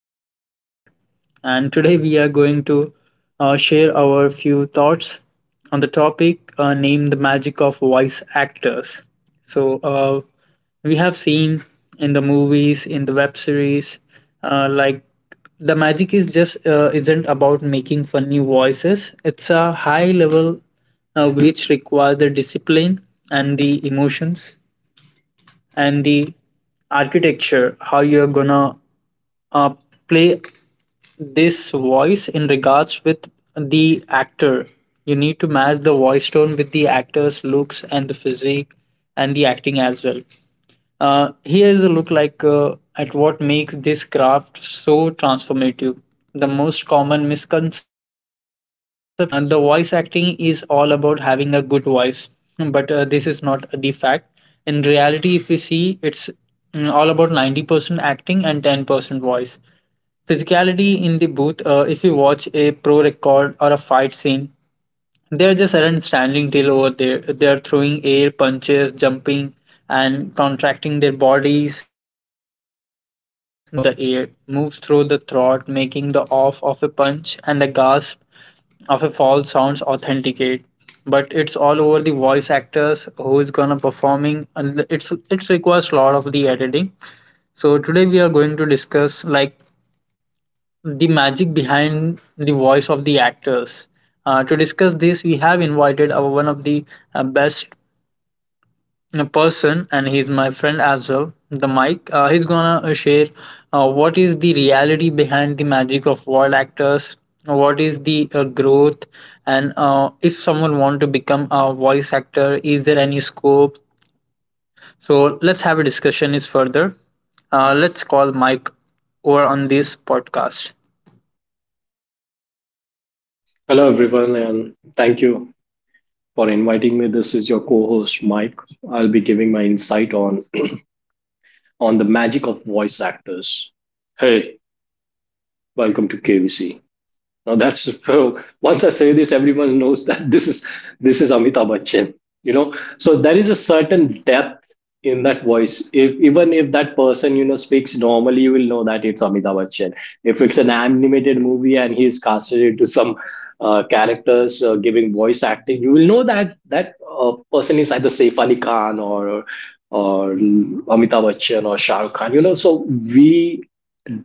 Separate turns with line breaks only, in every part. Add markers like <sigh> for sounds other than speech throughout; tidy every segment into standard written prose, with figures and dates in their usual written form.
host, Jack. And today we are going to share our few thoughts on the topic named The Magic of Voice Actors. So, we have seen in the movies, in the web series, like the magic is just isn't about making funny voices. It's a high level which require the discipline and the emotions and the architecture how you're gonna uh, play this voice in regards with the actor. You need to match the voice tone with the actor's looks and the physique and the acting as well. Here's a look like at what makes this craft so transformative. The most common misconception is that the voice acting is all about having a good voice, but this is not the fact. In reality, if you see, it's all about 90% acting and 10% voice physicality in the booth. If you watch a pro record or a fight scene, they are just aren't standing still over there. They are throwing air punches, jumping, and contracting their bodies. The physical movement changes the way of the air, moves through the throat, making the off of a punch and the gasp of a fall sounds authenticate. But it's all over the voice actors who is gonna performing, and it requires a lot of the editing. So today we are going to discuss like the magic behind the voice of the actors. To discuss this, we have invited our one of the best person, and he's my friend as well, the Mike. He's gonna share what is the reality behind the magic of voice actors, what is the growth, and if someone want to become a voice actor, is there any scope? So let's have a discussion is further. Let's call Mike over on this podcast.
Hello, everyone, and thank you for inviting me. This is your co-host Mike. I'll be giving my insight on the magic of voice actors. Hey, welcome to KVC. Now that's so. Once I say this, everyone knows that this is Amitabh Bachchan. You know, so there is a certain depth in that voice. If even if that person you know speaks normally, you will know that it's Amitabh Bachchan. If it's an animated movie and he is casted into some characters giving voice acting, you will know that that person is either Saif Ali Khan or Amitabh Bachchan or Shah Rukh Khan. You know, so we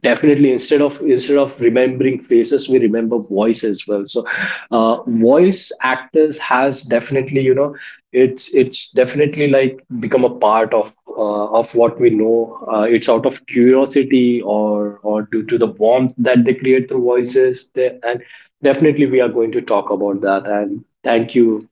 definitely instead of remembering faces we remember voice as well. So voice actors has definitely, you know, it's definitely like become a part of what we know. It's out of curiosity or due to the warmth that they create through voices they, and definitely we are going to talk about that. And thank you,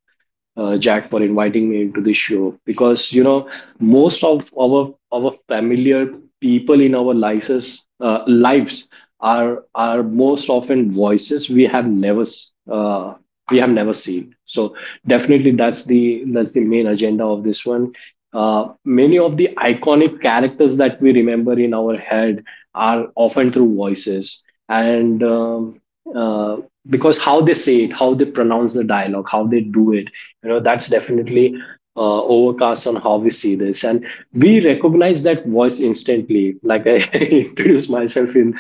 Jack, for inviting me into this show. Because you know, most of our familiar people in our lives, are most often voices we have never we have never seen. So definitely that's the main agenda of this one. Many of the iconic characters that we remember in our head are often through voices, and uh, because how they say it, how they pronounce the dialogue, how they do it, you know, that's definitely overcast on how we see this. And we recognize that voice instantly. Like I <laughs> introduced myself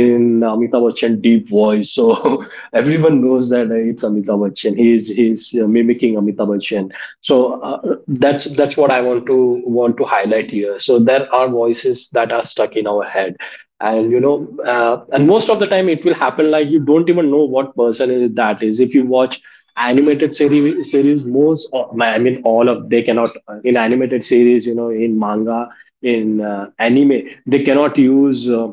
in Amitabh Bachchan deep voice, so <laughs> everyone knows that it's Amitabh Bachchan. He is, he's mimicking Amitabh Bachchan. So that's what I want to highlight here. So there are voices that are stuck in our head. And you know, and most of the time it will happen like you don't even know what person is that is. If you watch animated series most I mean, all of they cannot in animated series, you know, in manga, in anime, they cannot use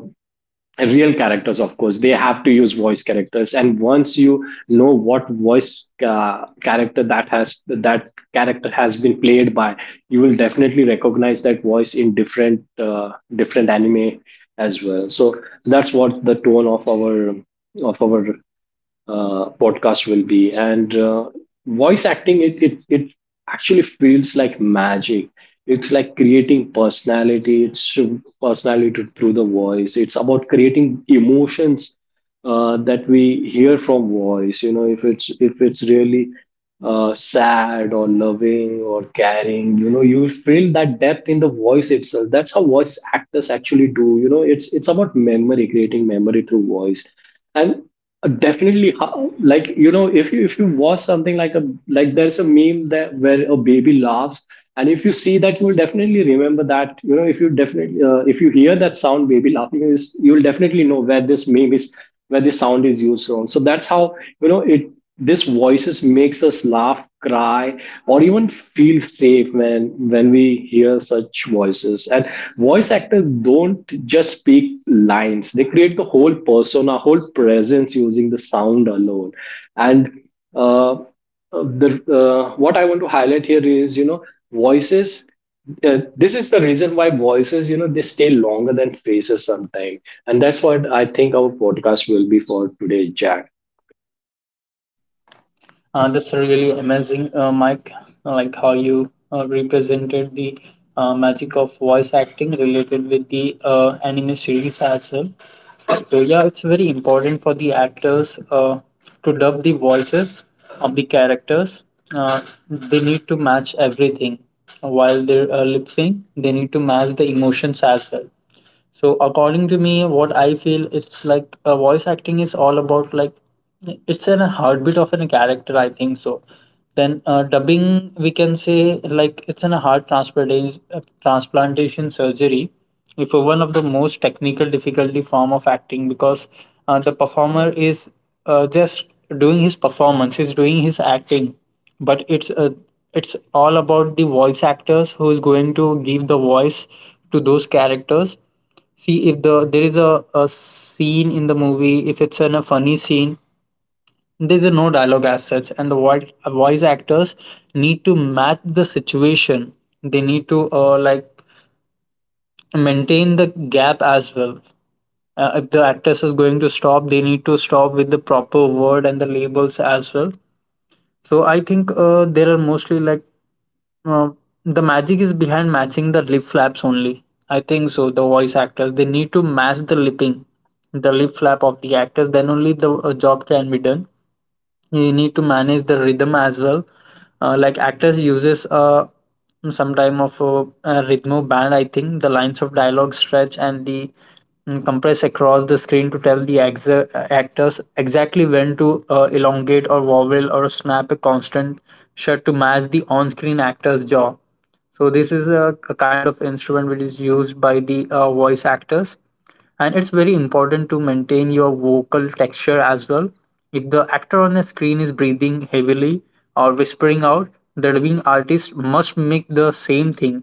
real characters. Of course, they have to use voice characters. And once you know what voice character that has that character has been played by, you will definitely recognize that voice in different different anime as well. So that's what the tone of our podcast will be. And voice acting, it actually feels like magic. It's like creating personality. It's personality through the voice. It's about creating emotions that we hear from voice. You know, if it's really sad or loving or caring, you know, you will feel that depth in the voice itself. That's how voice actors actually do, you know. It's about memory, creating memory through voice. And definitely how, like, you know, if you watch something like a like, there's a meme that where a baby laughs, and if you see that, you will definitely remember that. You know, if you definitely if you hear that sound, baby laughing is, you will definitely know where this meme is, where the sound is used wrong. So that's how you know it. This voices makes us laugh, cry, or even feel safe when we hear such voices. And voice actors don't just speak lines; they create the whole persona, whole presence using the sound alone. And uh, uh, the what I want to highlight here is, you know, voices, this is the reason why voices, you know, they stay longer than faces sometimes. And that's what I think our podcast will be for today, Jack.
That's really amazing, Mike. Like how you represented the magic of voice acting related with the anime series as well. So yeah, it's very important for the actors to dub the voices of the characters. Uh, they need to match everything while they're lip sync. They need to match the emotions as well. So according to me, what I feel it's like a voice acting is all about like it's in a heartbeat of a character, I think so. Then dubbing, we can say like it's in a heart transplantation surgery. If one of the most technical difficulty form of acting because the performer is just doing his performance, he's doing his acting, but it's all about the voice actors who is going to give the voice to those characters. See, if there is a scene in the movie, if it's in a funny scene, there's a no dialogue as such, and the voice actors need to match the situation. They need to like maintain the gap as well. If the actress is going to stop, they need to stop with the proper word and the labels as well. So I think there are mostly like uh, the magic is behind matching the lip flaps only, I think so. The voice actors they need to match the lipping, the lip flap of the actors. Then only the job can be done. You need to manage the rhythm as well. Like actors uses some time of a rhythm band. I think the lines of dialogue stretch and the compress across the screen to tell the actors exactly when to elongate or vowel or snap a constant shut to match the on-screen actor's jaw. So this is a kind of instrument which is used by the voice actors, and it's very important to maintain your vocal texture as well. If the actor on the screen is breathing heavily or whispering out, the dubbing artist must make the same thing.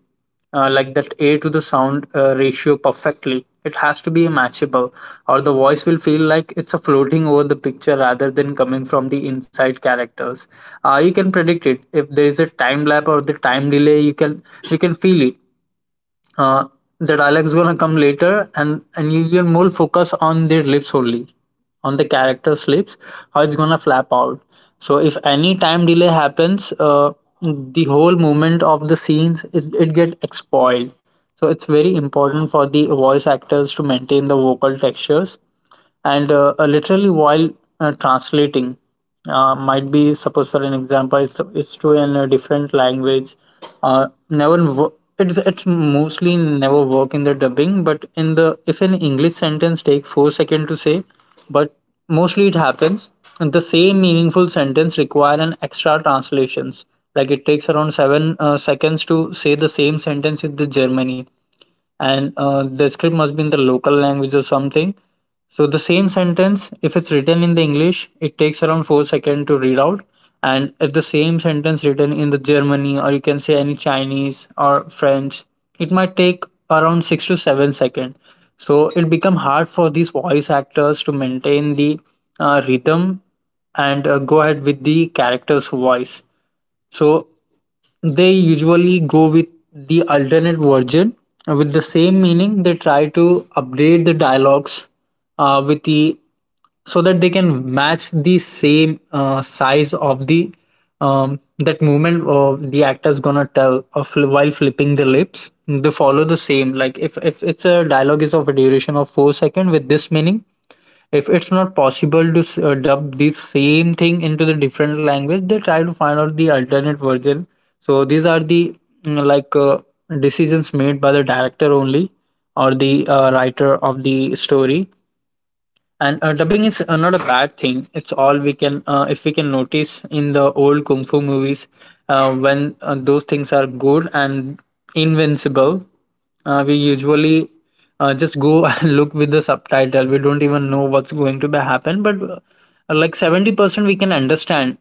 Like that air to the sound ratio perfectly, it has to be matchable, or the voice will feel like it's a floating over the picture rather than coming from the inside characters. You can predict it if there is a time lap or the time delay. You can you can feel it. uh, the dialect's gonna come later, and you can more focus on their lips only, on the character's lips, how it's gonna flap out. So if any time delay happens, the whole movement of the scenes is it get spoiled. So it's very important for the voice actors to maintain the vocal textures. And literally while translating, might be suppose for an example, it's to in a different language. Never wo- It's mostly never work in the dubbing, but in the if an english sentence take four second to say, but mostly it happens, and the same meaningful sentence require an extra translations, like it takes around seven seconds to say the same sentence in the germany. And the script must be in the local language or something. So the same sentence, if it's written in the English, it takes around 4 seconds to read out. And if the same sentence written in the Germany, or you can say any Chinese or French, it might take around 6 to 7 seconds. So it become hard for these voice actors to maintain the rhythm and go ahead with the character's voice. So they usually go with the alternate version with the same meaning. They try to update the dialogues with the so that they can match the same size of the that movement of the actor's gonna tell while flipping the lips. They follow the same like if it's a dialogue is of a duration of four second with this meaning. If it's not possible to dub the same thing into the different language, they try to find out the alternate version. So these are the like decisions made by the director only or the writer of the story. And dubbing is not a bad thing. It's all we can if we can notice in the old kung fu movies, when those things are good and invincible, we usually just go <laughs> and look with the subtitle. We don't even know what's going to be happen, but like 70% we can understand,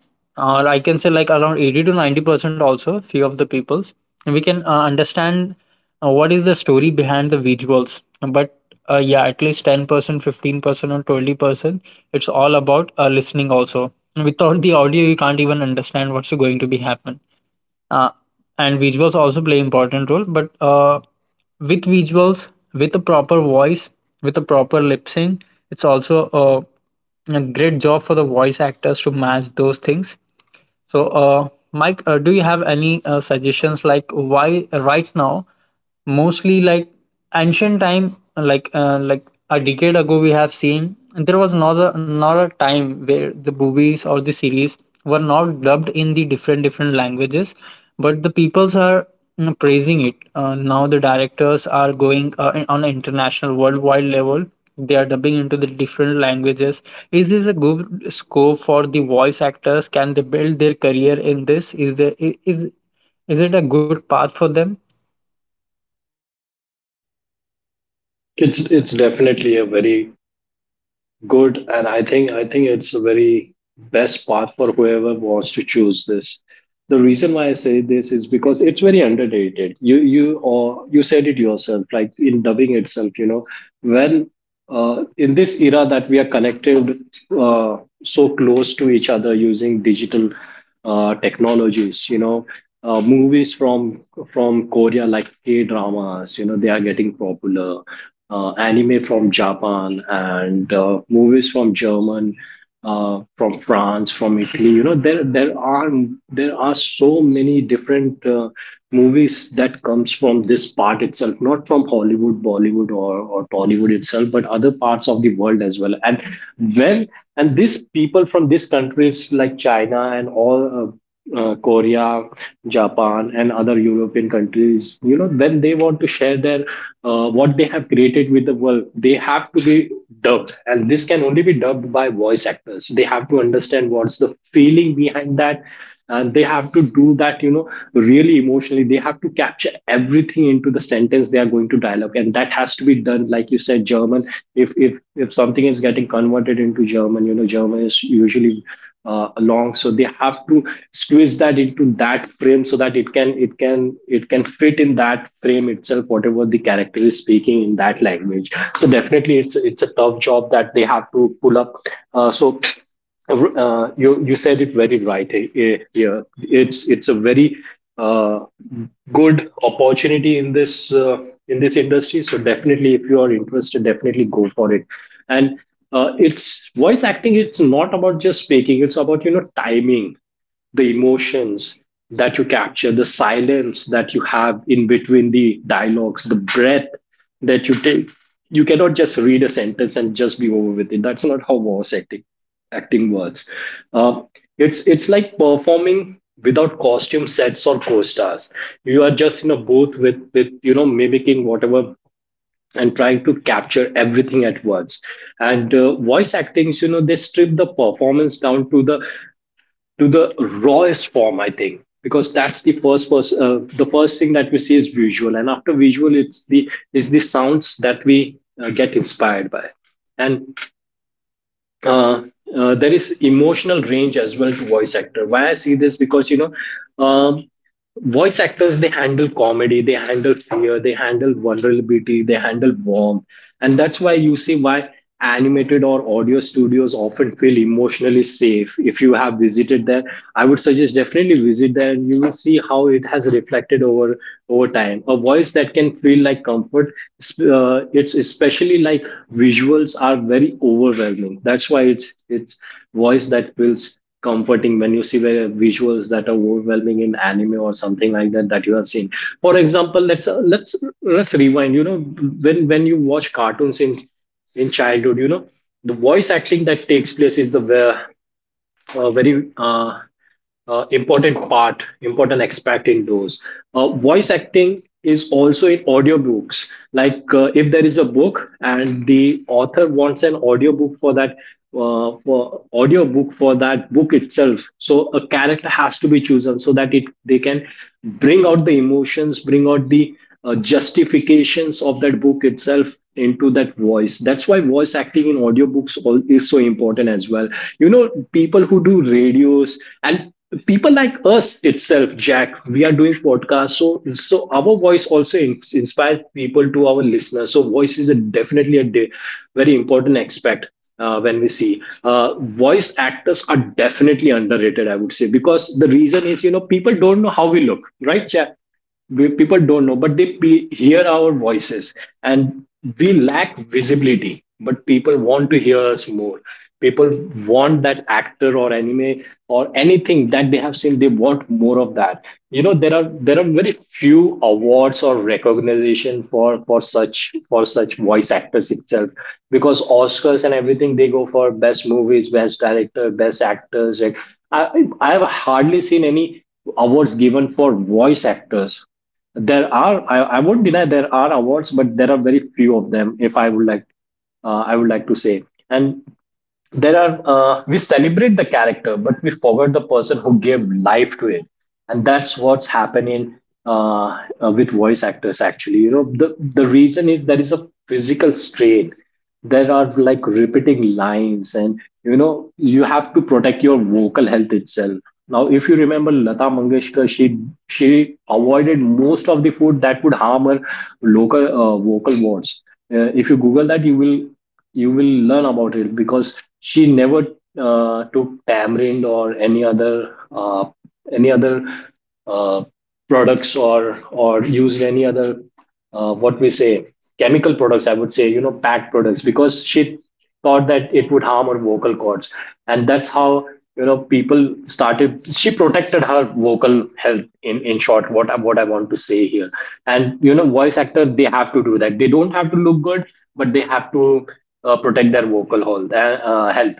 or I can say like around 80 to 90% also few of the peoples we can understand what is the story behind the visuals. But yeah, at least 10%, 15%, or 20%. It's all about listening also. Without the audio, you can't even understand what's going to be happen. Uh, and visuals also play important role, but with visuals, with a proper voice, with a proper lip sync, it's also a great job for the voice actors to match those things. So, Mike, do you have any suggestions like why right now, mostly like ancient time, like a decade ago, we have seen there was not a time where the movies or the series were not dubbed in the different different languages, but the peoples are praising it. Now the directors are going on an international worldwide level. They are dubbing into the different languages. Is this a good scope for the voice actors? Can they build their career in this? Is there I- Is it a good path for them?
It's definitely a very good, and I think it's a very best path for whoever wants to choose this. The reason why I say this is because it's very underrated. You or you said it yourself, like in dubbing itself. You know, when in this era that we are connected uh, so close to each other using digital technologies, you know, movies from Korea, like K dramas, you know, they are getting popular. Anime from Japan and movies from German, from France, from Italy. You know, there are so many different movies that comes from this part itself, not from Hollywood, Bollywood, or Tollywood itself, but other parts of the world as well. And when, and these people from these countries like China and all. Korea, Japan, and other European countries, you know, when they want to share their what they have created with the world, they have to be dubbed, and this can only be dubbed by voice actors. They have to understand what's the feeling behind that, and they have to do that, you know, really emotionally. They have to capture everything into the sentence they are going to dialogue, and that has to be done, like you said, German. If something is getting converted into German, you know, German is usually along, so they have to squeeze that into that frame so that it can fit in that frame itself, whatever the character is speaking in that language. So definitely it's a tough job that they have to pull up. uh, so you you said it very right. Here it's a very uh, good opportunity in this industry. So definitely, if you are interested, definitely go for it. And it's voice acting, it's not about just speaking. It's about, you know, timing, the emotions that you capture, the silence that you have in between the dialogues, the breath that you take. You cannot just read a sentence and just be over with it. That's not how voice acting works. uh, it's like performing without costume, sets, or co-stars. You are just in a booth with you know, mimicking whatever, and trying to capture everything at once. And voice actings, you know, they strip the performance down to the rawest form, I think, because that's the first the first thing that we see is visual. And after visual, it's the sounds that we get inspired by. And uh, there is emotional range as well to voice actor. Why I see this? Because you know, um, voice actors, they handle comedy, they handle fear, they handle vulnerability, they handle warmth. And that's why you see why animated or audio studios often feel emotionally safe. If you have visited there, I would suggest definitely visit there, and you will see how it has reflected over over time. A voice that can feel like comfort, it's especially like visuals are very overwhelming. That's why it's voice that feels comforting when you see the visuals that are overwhelming in anime or something like that that you have seen. For example, let's rewind. You know, when you watch cartoons in childhood, you know, the voice acting that takes place is the very important part, important aspect in those. Voice acting is also in audiobooks. Like if there is a book and the author wants an audiobook for that, for audiobook for that book itself, so a character has to be chosen so that it they can bring out the emotions, bring out the justifications of that book itself into that voice. That's why voice acting in audiobooks all is so important as well. You know, people who do radios and people like us itself, Jack, we are doing podcasts. So our voice also inspires people to our listeners. So voice is a, definitely a very important aspect when we see. Voice actors are definitely underrated, I would say, because the reason is, you know, people don't know how we look, right, Jack? We, people don't know, but they hear our voices. And we lack visibility, but people want to hear us more. People want that actor or anime or anything that they have seen, they want more of that. You know, there are very few awards or recognition for for such voice actors itself. Because Oscars and everything, they go for best movies, best director, best actors. Like i I've hardly seen any awards given for voice actors. There are, I won't deny there are awards, but there are very few of them. If I would like, I would like to say, and there are we celebrate the character, but we forget the person who gave life to it. And that's what's happening with voice actors actually. You know, the reason is there is a physical strain. There are like repeating lines, and you know, you have to protect your vocal health itself. Now if you remember Lata Mangeshkar, she avoided most of the food that would harm her local vocal wards. If you google that, you will learn about it. Because she never took tamarind or any other uh, products or used any other what we say, chemical products, I would say, you know, packed products, because she thought that it would harm her vocal cords. And that's how, you know, people started, she protected her vocal health. In short, what I, what I want to say here, and you know, voice actor, they have to do that. They don't have to look good, but they have to protect their vocal health. And, health.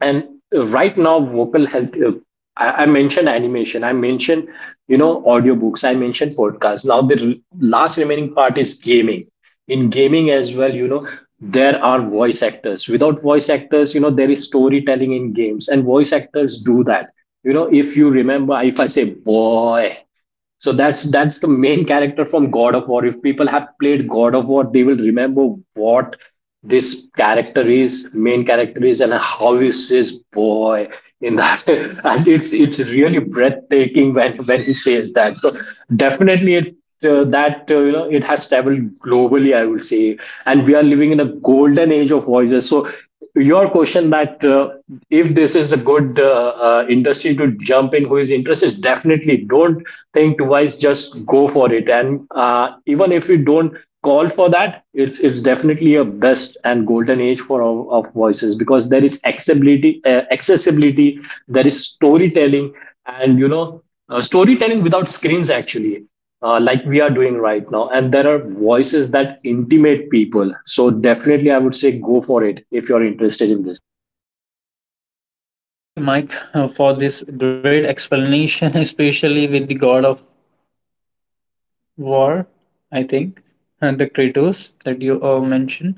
And right now, vocal health. I mentioned animation. I mentioned, you know, audiobooks. I mentioned podcasts. Now the last remaining part is gaming. In gaming as well, you know, there are voice actors. Without voice actors, you know, there is storytelling in games, and voice actors do that. You know, if you remember, if I say boy, so that's the main character from God of War. If people have played God of War, they will remember what this character is, main character is, and how he says "boy" in that, <laughs> and it's really breathtaking when he says that. So definitely, it that you know, it has traveled globally, I would say, and we are living in a golden age of voices. So your question that if this is a good industry to jump in, who is interested, definitely don't think twice, just go for it. And even if you don't call for that, it's definitely a best and golden age for our, of voices, because there is accessibility, there is storytelling. And you know, storytelling without screens actually, like we are doing right now. And there are voices that intimate people. So definitely, I would say, go for it if you're interested in this.
Thank you, Mike, for this great explanation <laughs> especially with the god of war, I think, and the Kratos that you mentioned,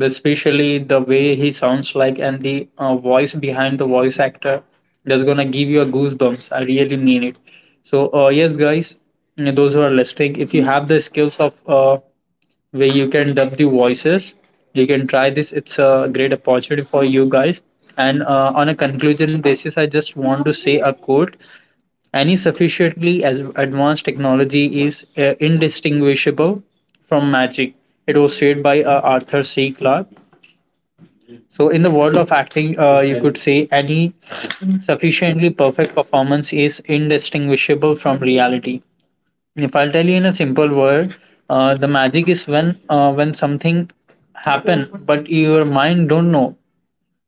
especially the way he sounds like and the voice behind the voice actor, that's gonna give you a goosebumps. I really mean it. So, yes, guys, those who are listening, if you have the skills of where you can dub the voices, you can try this. It's a great opportunity for you guys. And on a conclusion basis, I just want to say a quote. Any sufficiently as advanced technology is indistinguishable from magic. It was said by Arthur C. Clarke. So, in the world of acting, you could say any sufficiently perfect performance is indistinguishable from reality. If I'll tell you in a simple word, the magic is when something happen, but your mind don't know,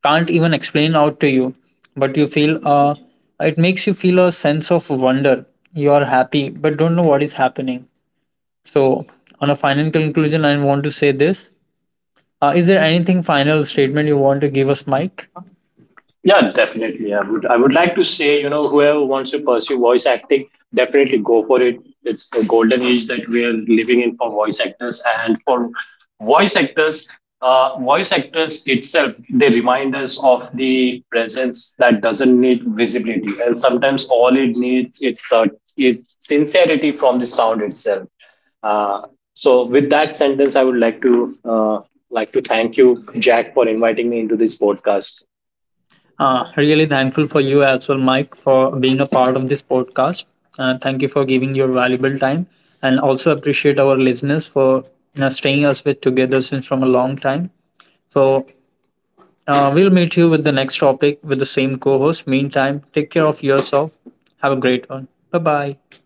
can't even explain out to you, but you feel it makes you feel a sense of wonder. You are happy but don't know what is happening. So on a final conclusion I want to say this. Uh, is there anything final statement you want to give us, Mike?
Yeah, definitely. I would like to say, you know, whoever wants to pursue voice acting, definitely go for it. It's the golden age that we are living in for voice actors, and for voice actors, voice actors itself, they remind us of the presence that doesn't need visibility, and sometimes all it needs, it's sincerity from the sound itself. Uh, so with that sentence, I would like to thank you, Jack, for inviting me into this podcast.
Uh, really thankful for you as well, Mike, for being a part of this podcast. Uh, thank you for giving your valuable time and also appreciate our listeners for, you know, staying us with together since from a long time. So uh, we'll meet you with the next topic with the same co host. Meantime, take care of yourself. Have a great one. Bye bye.